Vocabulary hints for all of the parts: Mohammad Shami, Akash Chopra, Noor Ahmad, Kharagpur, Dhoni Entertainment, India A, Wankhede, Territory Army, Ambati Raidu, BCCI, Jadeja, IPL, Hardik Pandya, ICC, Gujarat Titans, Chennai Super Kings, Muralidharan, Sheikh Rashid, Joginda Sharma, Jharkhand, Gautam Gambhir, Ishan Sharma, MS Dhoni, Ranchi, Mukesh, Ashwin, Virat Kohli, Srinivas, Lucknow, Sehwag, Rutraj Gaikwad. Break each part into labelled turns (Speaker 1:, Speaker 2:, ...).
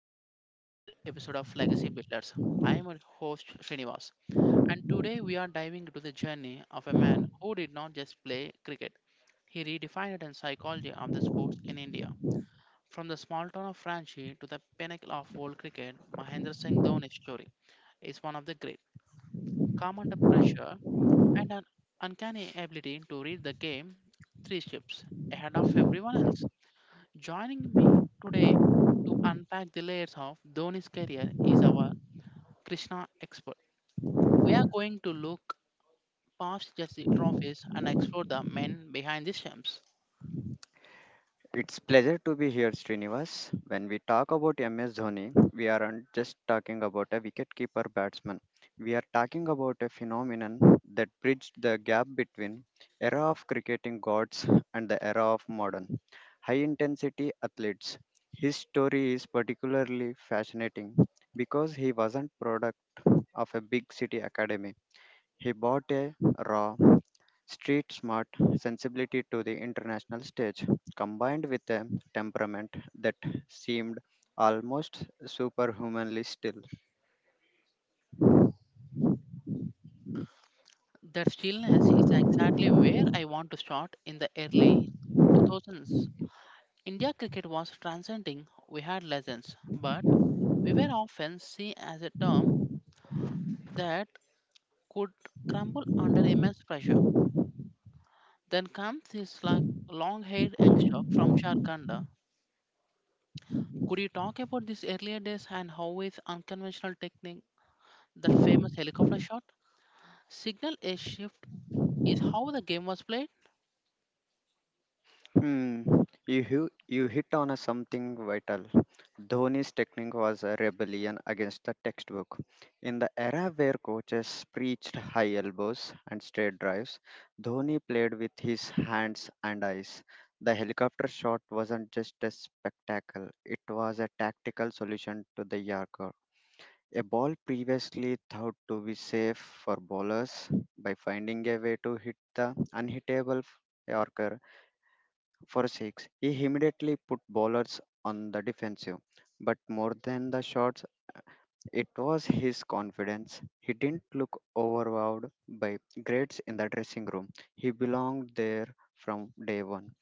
Speaker 1: Welcome to another episode of Legacy Builders. I am your host, Srinivas, and today we are diving into the journey of a man who did not just play cricket, he redefined the psychology of the sports in India. From the small town of Ranchi to the pinnacle of world cricket, Mahendra Singh Dhoni's story is one of the great, calm under pressure, and an uncanny ability to read the game three ships ahead of everyone else. Joining me today to unpack the layers of Dhoni's career is our Krishna expert. We are going to look past just the trophies and explore the men behind the stumps.
Speaker 2: It's pleasure to be here, Srinivas. When we talk about MS Dhoni, we aren't just talking about a wicketkeeper batsman. We are talking about a phenomenon that bridged the gap between era of cricketing gods and the era of modern high-intensity athletes. His story is particularly fascinating because he wasn't product of a big city academy. He brought a raw, street smart sensibility to the international stage, combined with a temperament that seemed almost superhumanly still.
Speaker 1: That stillness is exactly where I want to start in the early 2000s. India cricket was transcending. We had legends, but we were often seen as a term that could crumble under immense pressure. Then comes this like long-haired youngster from Jharkhand. Could you talk about these earlier days and how is unconventional technique, that famous helicopter shot? Signal a shift is how the game was played.
Speaker 2: Hmm, you hit on a something vital. Dhoni's technique was a rebellion against the textbook. In the era where coaches preached high elbows and straight drives, Dhoni played with his hands and eyes. The helicopter shot wasn't just a spectacle, it was a tactical solution to the Yorker. A ball previously thought to be safe for bowlers by finding a way to hit the unhittable Yorker for six, he immediately put bowlers on the defensive. But more than the shots, it was his confidence. He didn't look overwhelmed by grades in the dressing room. He belonged there from day one.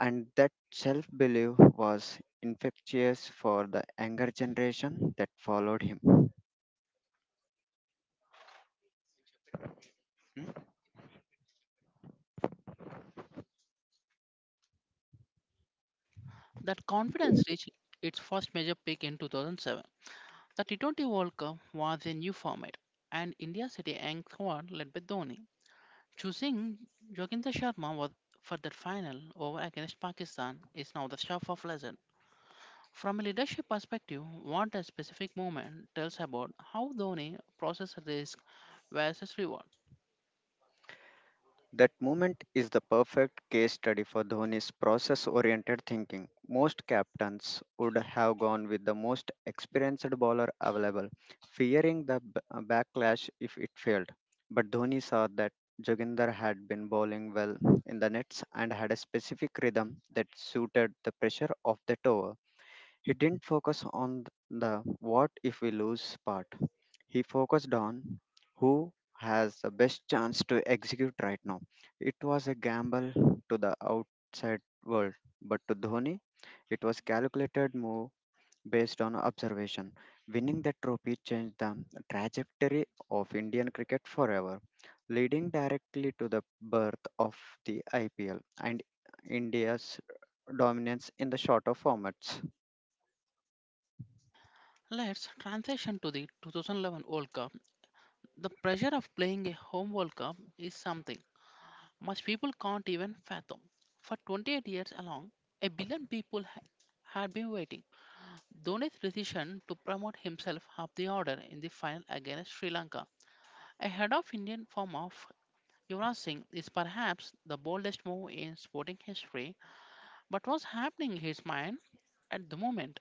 Speaker 2: And that self belief was infectious for the younger generation that followed him.
Speaker 1: That confidence reached its first major peak in 2007. The T20 World Cup was a new format, and India City Ang squad led by Dhoni. Choosing Joginda Sharma was for that final over against Pakistan is now the staff of legend. From a leadership perspective, what a specific moment tells about how Dhoni processes risk versus reward.
Speaker 2: That moment is the perfect case study for Dhoni's process oriented thinking. Most captains would have gone with the most experienced bowler available, fearing the backlash if it failed. But Dhoni saw that Joginder had been bowling well in the nets and had a specific rhythm that suited the pressure of that over. He didn't focus on the what if we lose part. He focused on who has the best chance to execute right now. It was a gamble to the outside world, but to Dhoni, it was calculated move based on observation. Winning that trophy changed the trajectory of Indian cricket forever, leading directly to the birth of the IPL and India's dominance in the shorter formats.
Speaker 1: Let's transition to the 2011 World Cup. The pressure of playing a home World Cup is something most people can't even fathom. For 28 years along, a billion people had been waiting. Dhoni's decision to promote himself up the order in the final against Sri Lanka, ahead of Indian form of Yuvraj Singh, is perhaps the boldest move in sporting history. But was happening in his mind at the moment?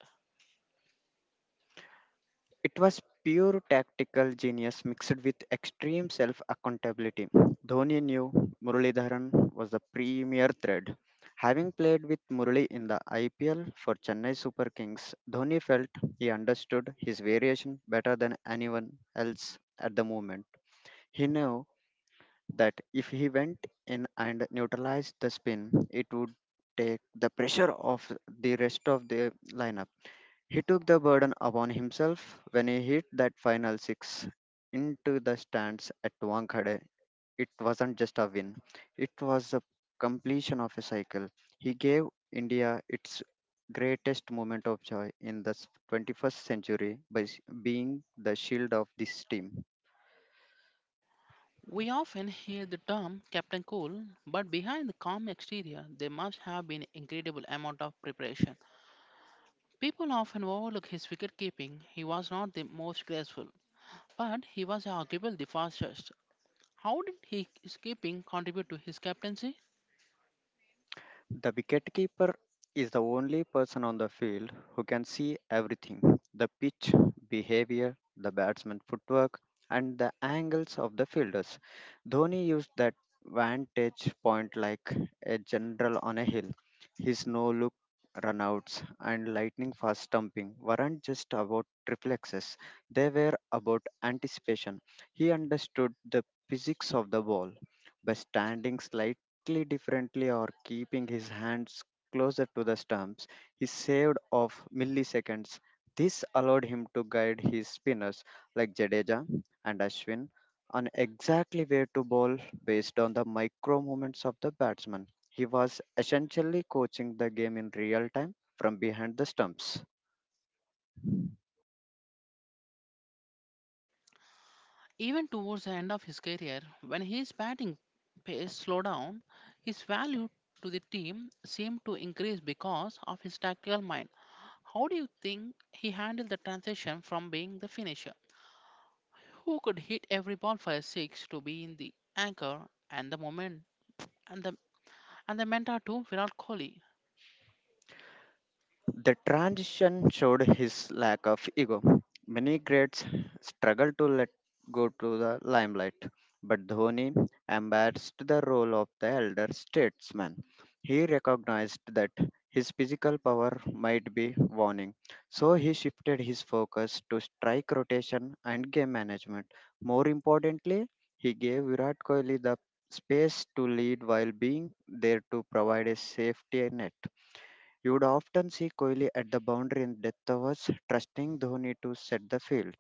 Speaker 2: It was pure tactical genius mixed with extreme self accountability. Dhoni knew Muralidharan was the premier threat. Having played with Murali in the IPL for Chennai Super Kings, Dhoni felt he understood his variation better than anyone else at the moment. He knew that if he went in and neutralized the spin, it would take the pressure off the rest of the lineup. He took the burden upon himself when he hit that final six into the stands at Wankhede. It wasn't just a win, it was a completion of a cycle. He gave India its greatest moment of joy in the 21st century by being the shield of this team.
Speaker 1: We often hear the term Captain Cool, but behind the calm exterior, there must have been incredible amount of preparation. People often overlook his wicket keeping. He was not the most graceful, but he was arguably the fastest. How did his keeping contribute to his captaincy?
Speaker 2: The wicketkeeper is the only person on the field who can see everything, the pitch, behavior, the batsman footwork, and the angles of the fielders. Dhoni used that vantage point like a general on a hill. His no look runouts and lightning fast stumping weren't just about reflexes, they were about anticipation. He understood the physics of the ball by standing slightly differently or keeping his hands closer to the stumps, he saved off milliseconds. This allowed him to guide his spinners like Jadeja and Ashwin on exactly where to bowl based on the micro movements of the batsman. He was essentially coaching the game in real time from behind the stumps.
Speaker 1: Even towards the end of his career, when his batting pace slowed down, his value to the team seemed to increase because of his tactical mind. How do you think he handled the transition from being the finisher? Who could hit every bonfire six to be in the anchor and the moment and the and the mentor to Virat Kohli?
Speaker 2: The transition showed his lack of ego. Many greats struggle to let go to the limelight, but Dhoni embraced the role of the elder statesman. He recognized that his physical power might be waning, so he shifted his focus to strike rotation and game management. More importantly, he gave Virat Kohli the space to lead while being there to provide a safety net. You would often see Kohli at the boundary in death overs, trusting Dhoni to set the field.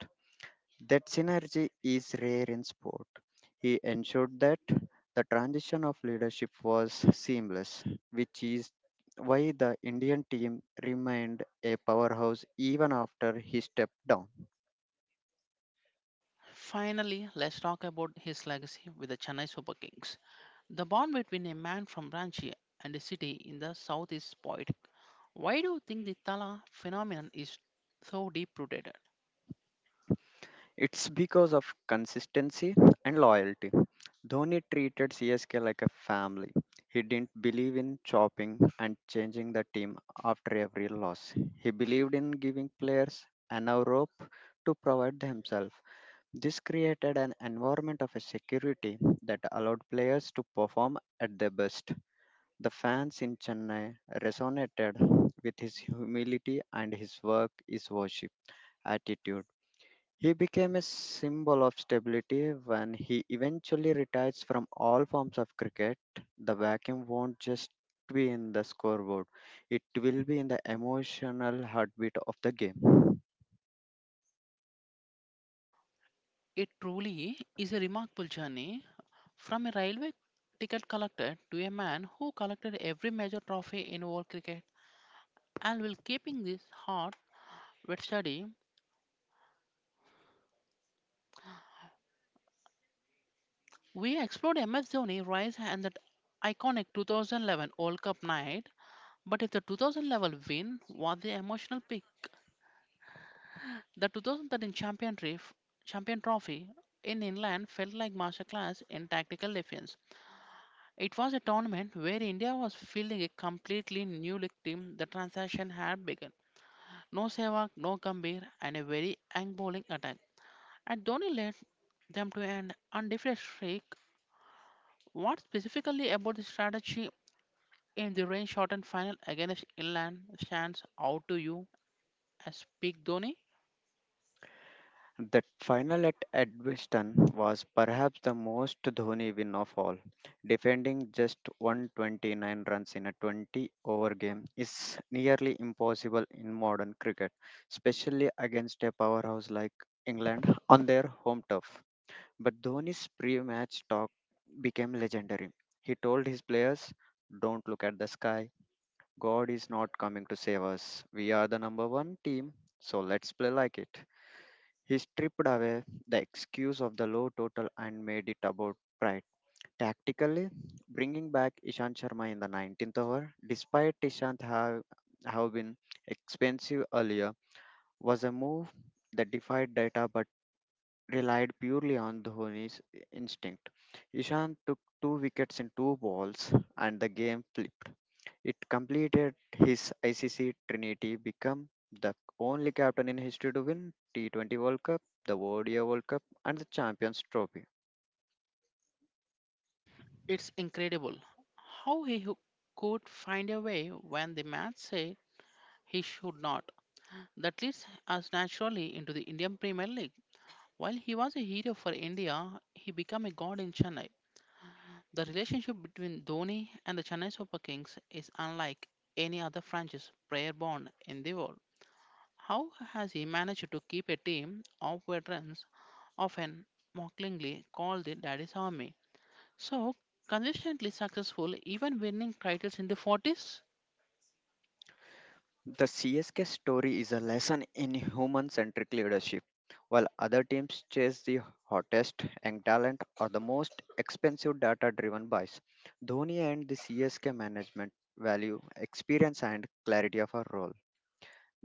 Speaker 2: That synergy is rare in sport. He ensured that the transition of leadership was seamless, which is why the Indian team remained a powerhouse even after he stepped down.
Speaker 1: Finally, let's talk about his legacy with the Chennai Super Kings. The bond between a man from Ranchi and a city in the south is poetic. Why do you think the Tala phenomenon is so deep rooted?
Speaker 2: It's because of consistency and loyalty. Dhoni treated CSK like a family. He didn't believe in chopping and changing the team after every loss. He believed in giving players enough rope to provide themselves. This created an environment of a security that allowed players to perform at their best. The fans in Chennai resonated with his humility and his work is worship attitude. He became a symbol of stability when he eventually retires from all forms of cricket. The vacuum won't just be in the scoreboard, it will be in the emotional heartbeat of the game.
Speaker 1: It truly is a remarkable journey from a railway ticket collector to a man who collected every major trophy in world cricket and will keeping this hard with study. We explored MS Dhoni rise and that iconic 2011 World Cup night, but if the 2011 win was the emotional peak, the 2013 champion trophy in England felt like masterclass in tactical defense. It was a tournament where India was fielding a completely new league team. The transaction had begun. No Sehwag, no Gambhir, and a very ang bowling attack. And Dhoni led them to an undefeated streak. What specifically about the strategy in the rain shortened final against England stands out to you as Big Dhoni.
Speaker 2: That final at Edgbaston was perhaps the most Dhoni win of all. Defending just 129 runs in a 20 over game is nearly impossible in modern cricket, especially against a powerhouse like England on their home turf. But Dhoni's pre-match talk became legendary. He told his players, "Don't look at the sky. God is not coming to save us. We are the number one team, so let's play like it." He stripped away the excuse of the low total and made it about pride. Tactically, bringing back Ishan Sharma in the 19th over, despite have been expensive earlier, was a move that defied data but relied purely on Dhoni's instinct. Ishan took two wickets in two balls and the game flipped. It completed his ICC trinity, become the only captain in history to win T20 World Cup, the ODI World Cup and the Champions Trophy.
Speaker 1: It's incredible how he could find a way when the match said he should not. That leads us naturally into the Indian Premier League. While he was a hero for India, he became a god in Chennai. The relationship between Dhoni and the Chennai Super Kings is unlike any other franchise player bond in the world. How has he managed to keep a team of veterans often mockingly called the Daddy's Army. So, consistently successful, even winning titles in the 40s.
Speaker 2: The CSK story is a lesson in human centric leadership. While other teams chase the hottest young talent or the most expensive data driven buys, Dhoni and the CSK management value experience and clarity of a role.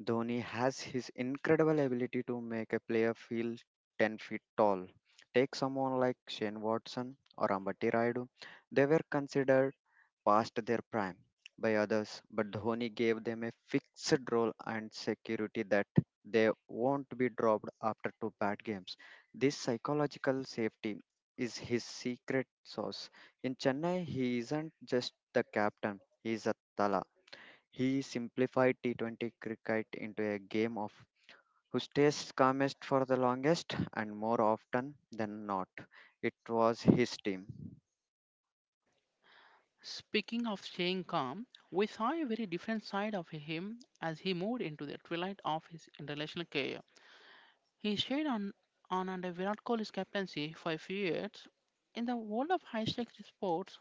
Speaker 2: Dhoni has his incredible ability to make a player feel 10 feet tall. Take someone like Shane Watson or Ambati Raidu. They were considered past their prime by others, but Dhoni gave them a fixed role and security that they won't be dropped after two bad games. This psychological safety is his secret sauce. In Chennai, he isn't just the captain, he is a tala. He simplified T20 cricket into a game of who stays calmest for the longest, and more often than not, it was his team.
Speaker 1: Speaking of staying calm, we saw a very different side of him as he moved into the twilight of his international career. He stayed on under Virat Kohli's captaincy for a few years. In the world of high-stakes sports,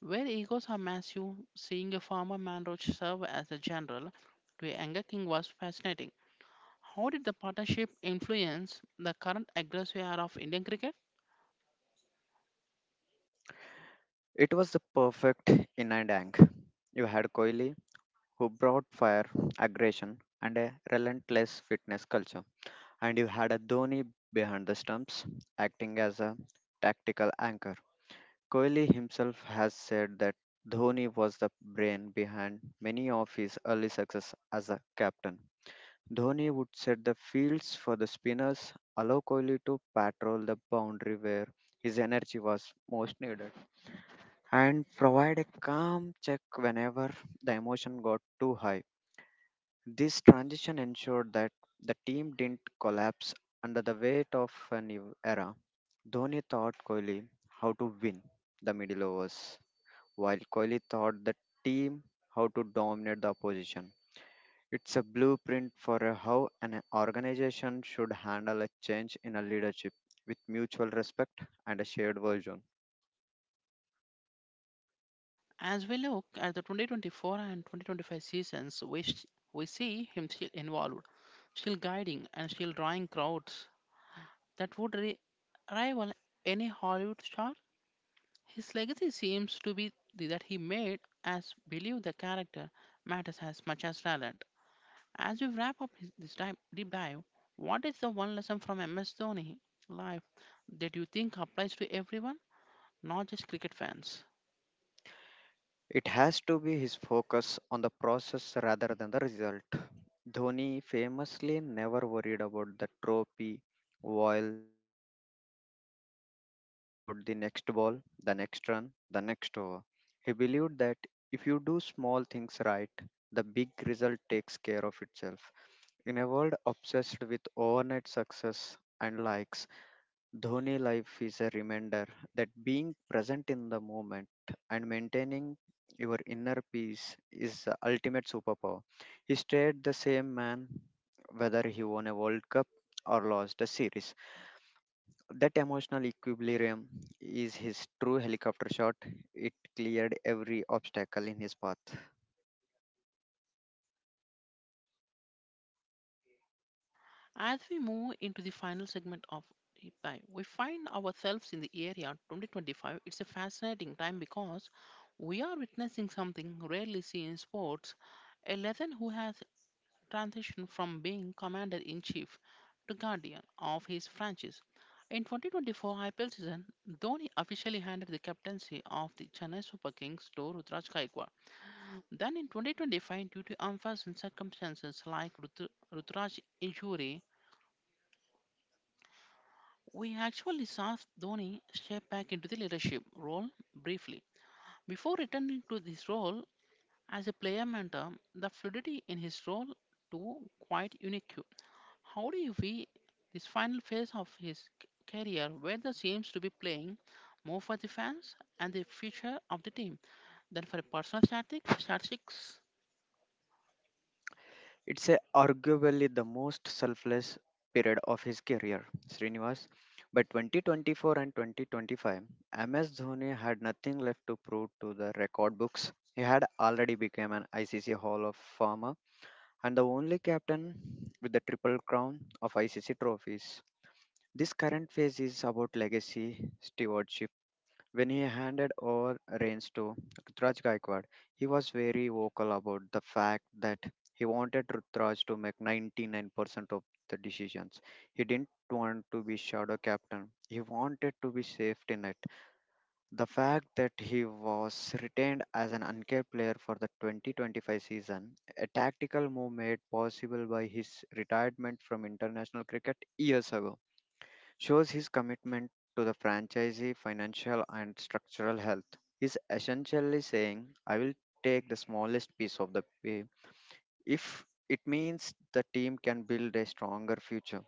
Speaker 1: where egos are massive, seeing a former man roach serve as a general to a younger king was fascinating. How did the partnership influence the current aggressive era of Indian cricket?
Speaker 2: It was the perfect yin and yang. You had Kohli, who brought fire, aggression, and a relentless fitness culture, and you had a Dhoni behind the stumps, acting as a tactical anchor. Kohli himself has said that Dhoni was the brain behind many of his early success as a captain. Dhoni would set the fields for the spinners, allow Kohli to patrol the boundary where his energy was most needed, and provide a calm check whenever the emotion got too high. This transition ensured that the team didn't collapse under the weight of a new era. Dhoni taught Kohli how to win the middle overs, while Kohli taught the team how to dominate the opposition. It's a blueprint for a how an organization should handle a change in a leadership with mutual respect and a shared vision.
Speaker 1: As we look at the 2024 and 2025 seasons, we see him still involved, still guiding, and still drawing crowds that would rival any Hollywood star. His legacy seems to be that he made us believe the character matters as much as talent. As we wrap up deep dive, what is the one lesson from MS Dhoni life that you think applies to everyone, not just cricket fans?
Speaker 2: It has to be his focus on the process rather than the result. Dhoni famously never worried about the trophy while the game was on. He worried about the next ball, the next run, the next over. He believed that if you do small things right, the big result takes care of itself. In a world obsessed with overnight success and likes, Dhoni life is a reminder that being present in the moment and maintaining your inner peace is the ultimate superpower. He stayed the same man whether he won a World Cup or lost a series. That emotional equilibrium is his true helicopter shot. It cleared every obstacle in his path.
Speaker 1: As we move into the final segment of Ipai, we find ourselves in the area 2025. It's a fascinating time because we are witnessing something rarely seen in sports, a legend who has transitioned from being commander in chief to guardian of his franchise. In 2024 IPL season, Dhoni officially handed the captaincy of the Chennai Super Kings to Rutraj Gaikwad. Then in 2025, due to unforeseen circumstances like Ruturaj injury, we actually saw Dhoni step back into the leadership role briefly. Before returning to this role as a player mentor, the fluidity in his role too quite unique. How do you view this final phase of his career where the seems to be playing more for the fans and the future of the team than for personal statistics?
Speaker 2: Arguably the most selfless period of his career, Srinivas. By 2024 and 2025, MS Dhoni had nothing left to prove to the record books. He had already become an ICC Hall of Famer and the only captain with the triple crown of ICC trophies. This current phase is about legacy, stewardship, when he handed over reins to Rutraj Gaikwad, he was very vocal about the fact that he wanted Rutraj to make 99% of the decisions. He didn't want to be shadow captain. He wanted to be safety net. The fact that he was retained as an uncapped player for the 2025 season, a tactical move made possible by his retirement from international cricket years ago shows his commitment to the franchisee financial and structural health. He's essentially saying, I will take the smallest piece of the pie if it means the team can build a stronger future.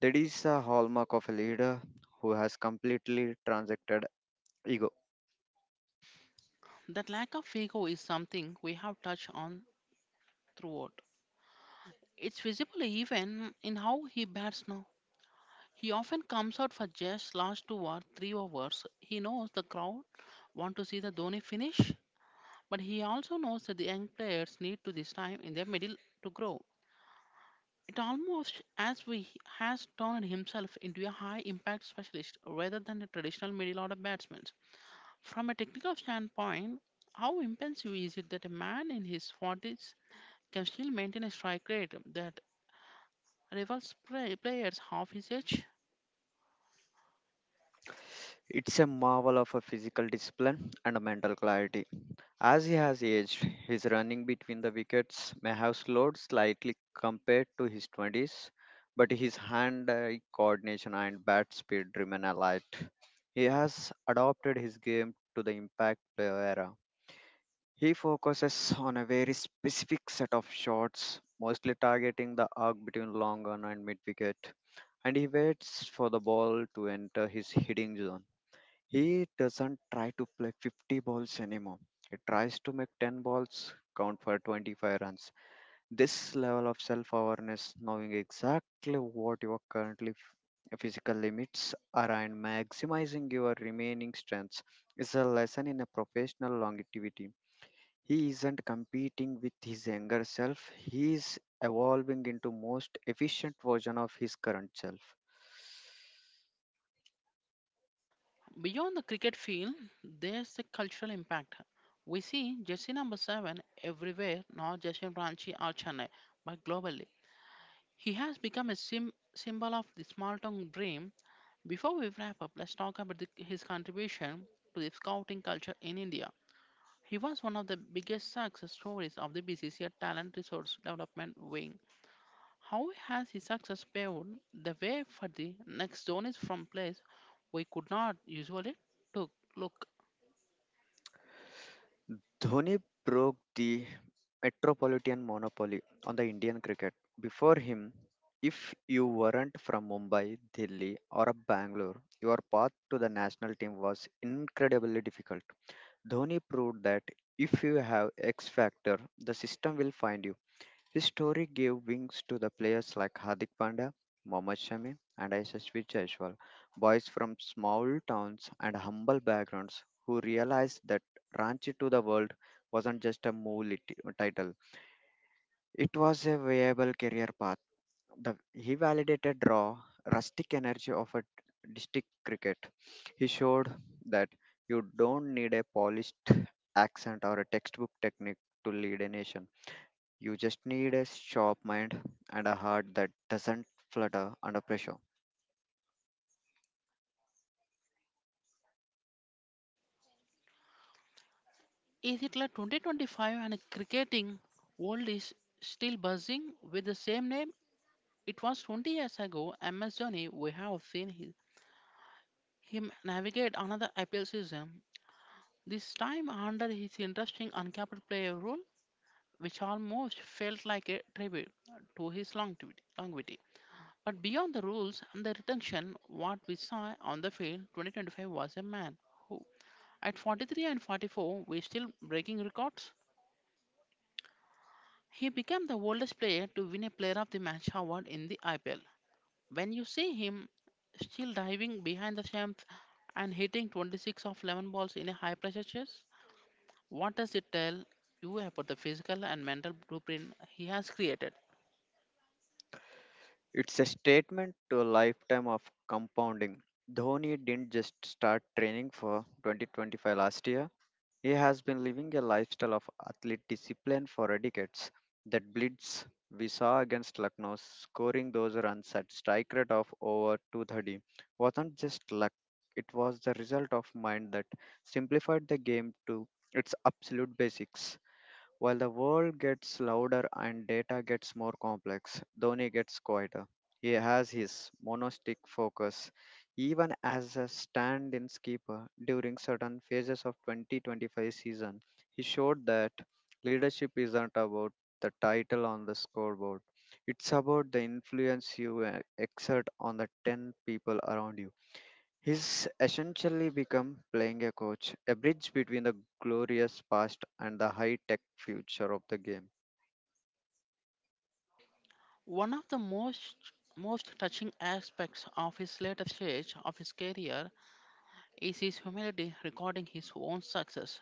Speaker 2: That is a hallmark of a leader who has completely transacted ego.
Speaker 1: That lack of ego is something we have touched on throughout. It's visible even in how he bats now. He often comes out for just last two or three overs. He knows the crowd want to see the Dhoni finish, but he also knows that the young players need to this time in their middle to grow. It almost as we has turned himself into a high impact specialist rather than a traditional middle order batsman. From a technical standpoint, how impressive is it that a man in his 40s can still maintain a strike rate that rivals play, players half his age.
Speaker 2: It's a marvel of a physical discipline and a mental clarity. As he has aged, his running between the wickets may have slowed slightly compared to his 20s, but his hand eye coordination and bat speed remain alight. He has adopted his game to the impact player era. He focuses on a very specific set of shots, mostly targeting the arc between long on and mid wicket, and he waits for the ball to enter his hitting zone. He doesn't try to play 50 balls anymore. He tries to make 10 balls count for 25 runs. This level of self awareness, knowing exactly what your currently physical limits are and maximizing your remaining strengths, is a lesson in a professional longevity. He isn't competing with his younger self, he is evolving into most efficient version of his current self.
Speaker 1: Beyond the cricket field, there's a cultural impact. We see jersey number 7 everywhere, not just in Ranchi or Chennai, but globally. He has become a symbol of the small town dream. Before we wrap up, let's talk about his contribution to the scouting culture in India. He was one of the biggest success stories of the BCCI Talent Resource Development Wing. How has his success paved the way for the next zone from place we could not usually took? Look,
Speaker 2: Dhoni broke the metropolitan monopoly on the Indian cricket. Before him, if you weren't from Mumbai, Delhi, or Bangalore, your path to the national team was incredibly difficult. Dhoni proved that if you have X factor, the system will find you. His story gave wings to the players like Hardik Pandya, Mohammad Shami, and Yashasvi Jaiswal, boys from small towns and humble backgrounds who realized that Ranchi to the World wasn't just a move title. It was a viable career path. He validated raw, rustic energy of a district cricket. He showed that you don't need a polished accent or a textbook technique to lead a nation. You just need a sharp mind and a heart that doesn't flutter under pressure.
Speaker 1: is it like 2025 and cricketing world is still buzzing with the same name? It was 20 years ago, MS Dhoni, we have seen him navigate another IPL season, this time under his interesting uncapped player rule, which almost felt like a tribute to his longevity. But beyond the rules and the retention, what we saw on the field 2025 was a man who, at 43 and 44, was still breaking records. He became the oldest player to win a Player of the Match award in the IPL. When you see him still diving behind the stumps and hitting 26 of 11 balls in a high pressure chase, what does it tell you about the physical and mental blueprint he has created?
Speaker 2: It's a statement to a lifetime of compounding. Dhoni didn't just start training for 2025 last year. He has been living a lifestyle of athlete discipline for decades. That blitz we saw against Lucknow, scoring those runs at strike rate of over 230, wasn't just luck. It was the result of mind that simplified the game to its absolute basics. While the world gets louder and data gets more complex, Dhoni gets quieter. He has his monastic focus, even as a stand-in skipper during certain phases of 2025 season. He showed that leadership isn't about the title on the scoreboard; it's about the influence you exert on the 10 people around you. He's essentially become playing a coach, a bridge between the glorious past and the high tech future of the game.
Speaker 1: One of the most touching aspects of his later stage of his career is his humility recording his own success.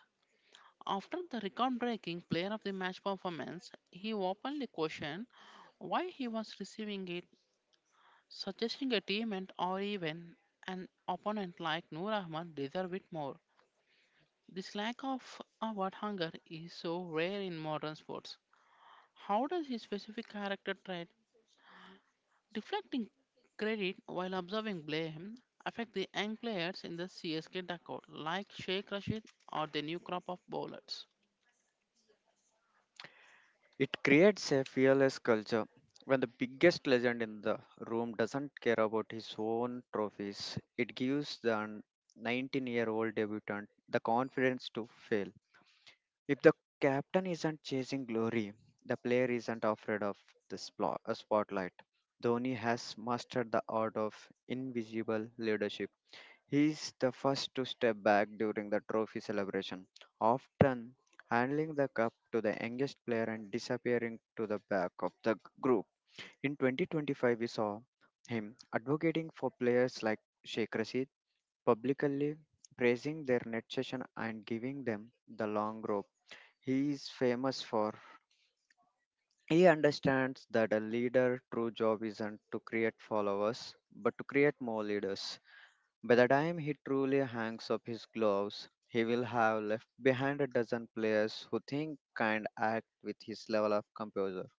Speaker 1: After the record breaking player of the match performance, he openly questioned why he was receiving it, suggesting a teammate or even an opponent like Noor Ahmad deserve it more. This lack of award hunger is so rare in modern sports. How does his specific character trait, deflecting credit while observing blame, affect the young players in the CSK dugout, like Sheikh Rashid or the new crop of bowlers?
Speaker 2: It creates a fearless culture when the biggest legend in the room doesn't care about his own trophies. It gives the 19-year-old year old debutant the confidence to fail. If the captain isn't chasing glory, the player isn't afraid of the spotlight. Dhoni has mastered the art of invisible leadership. He's the first to step back during the trophy celebration, often handling the cup to the youngest player and disappearing to the back of the group. In 2025, we saw him advocating for players like Sheikh Rashid, publicly praising their net session and giving them the long rope. He is famous for he understands that a leader true job isn't to create followers but to create more leaders. By the time he truly hangs up his gloves, he will have left behind a dozen players who think and act with his level of composure.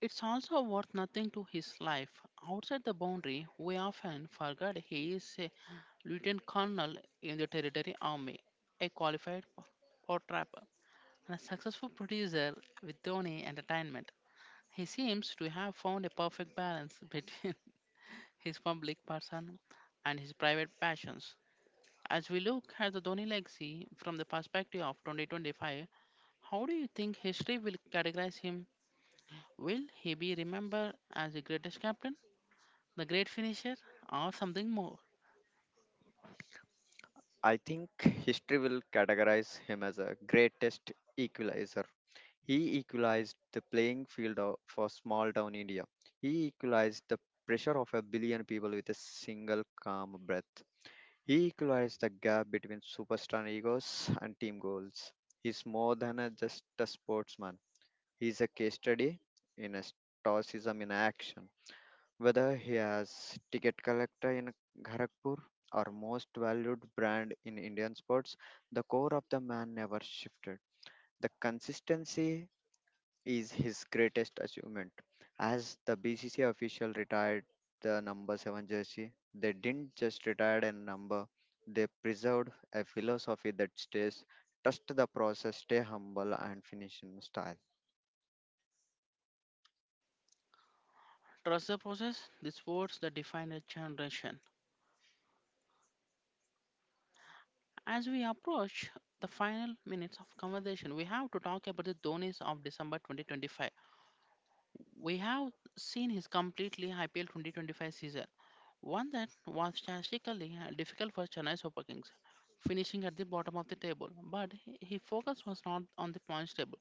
Speaker 1: It's also worth nothing to his life. Outside the boundary, we often forget he is a lieutenant colonel in the Territory Army, a qualified pot trapper, and a successful producer with Dhoni Entertainment. He seems to have found a perfect balance between his public person and his private passions. As we look at the Dhoni legacy from the perspective of 2025, how do you think history will categorize him? Will he be remembered as the greatest captain, the great finisher, or something more?
Speaker 2: I think history will categorize him as a greatest equalizer. He equalized the playing field for small town India. He equalized the pressure of a billion people with a single calm breath. He equalized the gap between superstar egos and team goals. He's more than just a sportsman. He's a case study in a stoicism in action. Whether he has ticket collector in Kharagpur or most valued brand in Indian sports, the core of the man never shifted. The consistency is his greatest achievement. As the BCC official retired the number 7 jersey, they didn't just retire a number, they preserved a philosophy that stays trust the process, stay humble, and finish in style.
Speaker 1: Trust the process, the sports that define a generation. As we approach the final minutes of conversation, we have to talk about the Dhoni's of December 2025. We have seen his completely IPL 2025 season, one that was statistically difficult for Chennai Super Kings, finishing at the bottom of the table. But his focus was not on the points table.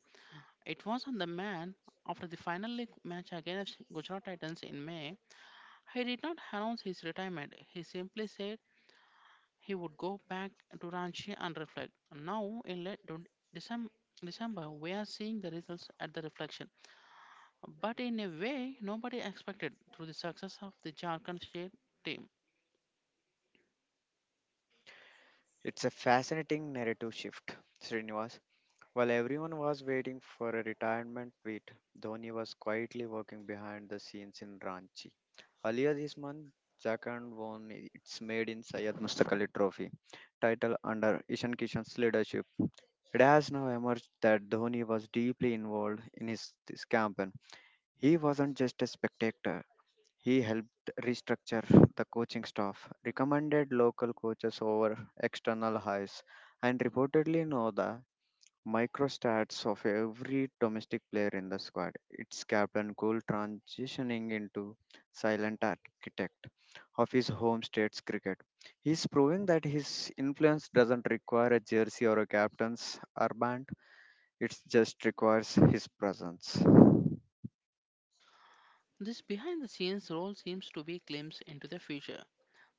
Speaker 1: It was on the man after the final league match against Gujarat Titans in May. He did not announce his retirement. He simply said he would go back to Ranchi and reflect. Now, in late Decem- December, we are seeing the results at the reflection. But in a way, nobody expected through the success of the Jharkhand state team.
Speaker 2: It's a fascinating narrative shift, Srinivas. While everyone was waiting for a retirement tweet, Dhoni was quietly working behind the scenes in Ranchi. Earlier this month, Jharkhand won its Made in Syed Mustaq Ali Trophy title under Ishan Kishan's leadership. It has now emerged that Dhoni was deeply involved in this campaign. He wasn't just a spectator, he helped restructure the coaching staff, recommended local coaches over external hires, and reportedly know the microstats of every domestic player in the squad. It's Captain Cool transitioning into silent architect of his home state's cricket. He's proving that his influence doesn't require a jersey or a captain's armband, it just requires his presence.
Speaker 1: This behind the scenes role seems to be glimpse into the future.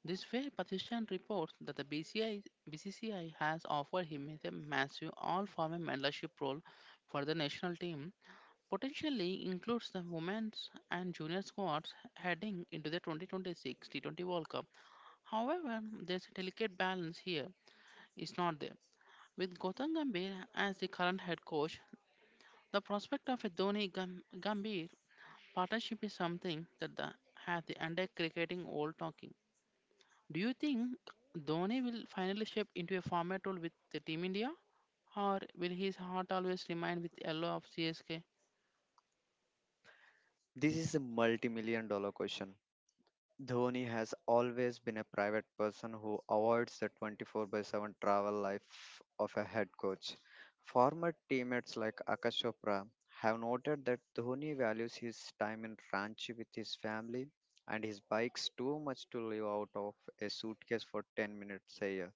Speaker 1: This way, Patishan reports that the BCCI has offered him a massive all former mentorship role for the national team potentially includes the women's and junior squads heading into the 2026 T20 World Cup. However, there's a delicate balance here, is not there. With Gautam Gambhir as the current head coach, the prospect of a Dhoni Gambhir partnership is something that has the entire cricketing world talking. Do you think Dhoni will finally shape into a format role with the Team India, or will his heart always remain with the yellow of CSK?
Speaker 2: This is a multi million dollar question. Dhoni has always been a private person who avoids the 24 by 7 travel life of a head coach. Former teammates like Akash Chopra have noted that Dhoni values his time in Ranchi with his family and his bikes too much to live out of a suitcase for 10 minutes a year.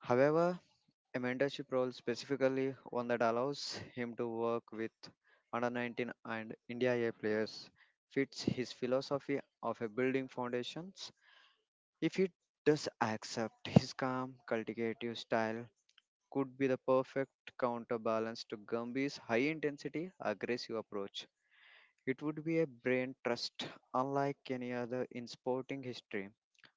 Speaker 2: However, a mentorship role specifically one that allows him to work with under 19 and India A players fits his philosophy of a building foundations. If he does accept his calm, cultivative style could be the perfect counterbalance to Gumby's high intensity, aggressive approach. It would be a brain trust unlike any other in sporting history.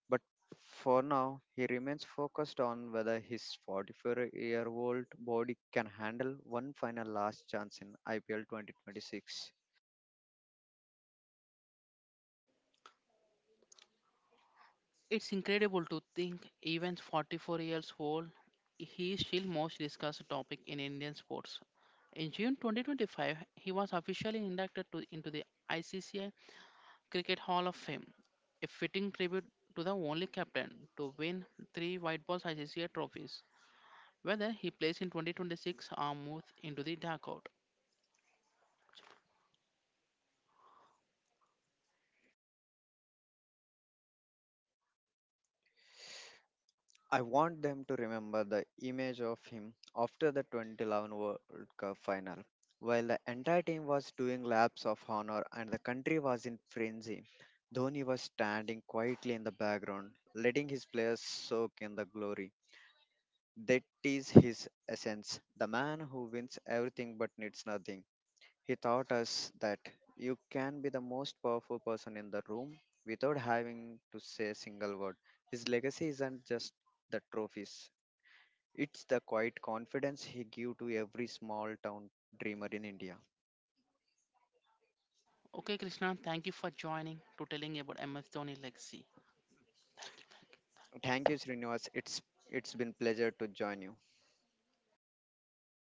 Speaker 2: But for now, he remains focused on whether his 44-year-old body can handle one final last chance in IPL 2026.
Speaker 1: It's incredible to think even 44 years old, he is still most discussed topic in Indian sports. In June 2025, he was officially inducted into the ICC Cricket Hall of Fame, a fitting tribute to the only captain to win three white balls ICC trophies, whether he plays in 2026 or moves into the dugout.
Speaker 2: I want them to remember the image of him after the 2011 World Cup final. While the entire team was doing laps of honor and the country was in frenzy, Dhoni was standing quietly in the background, letting his players soak in the glory. That is his essence, the man who wins everything but needs nothing. He taught us that you can be the most powerful person in the room without having to say a single word. His legacy isn't just the trophies, it's the quiet confidence he gave to every small town dreamer in India.
Speaker 1: Okay, Krishna, thank you for joining to telling about MS Dhoni legacy. Thank you. Thank you.
Speaker 2: Thank you, Srinivas. It's been pleasure to join you.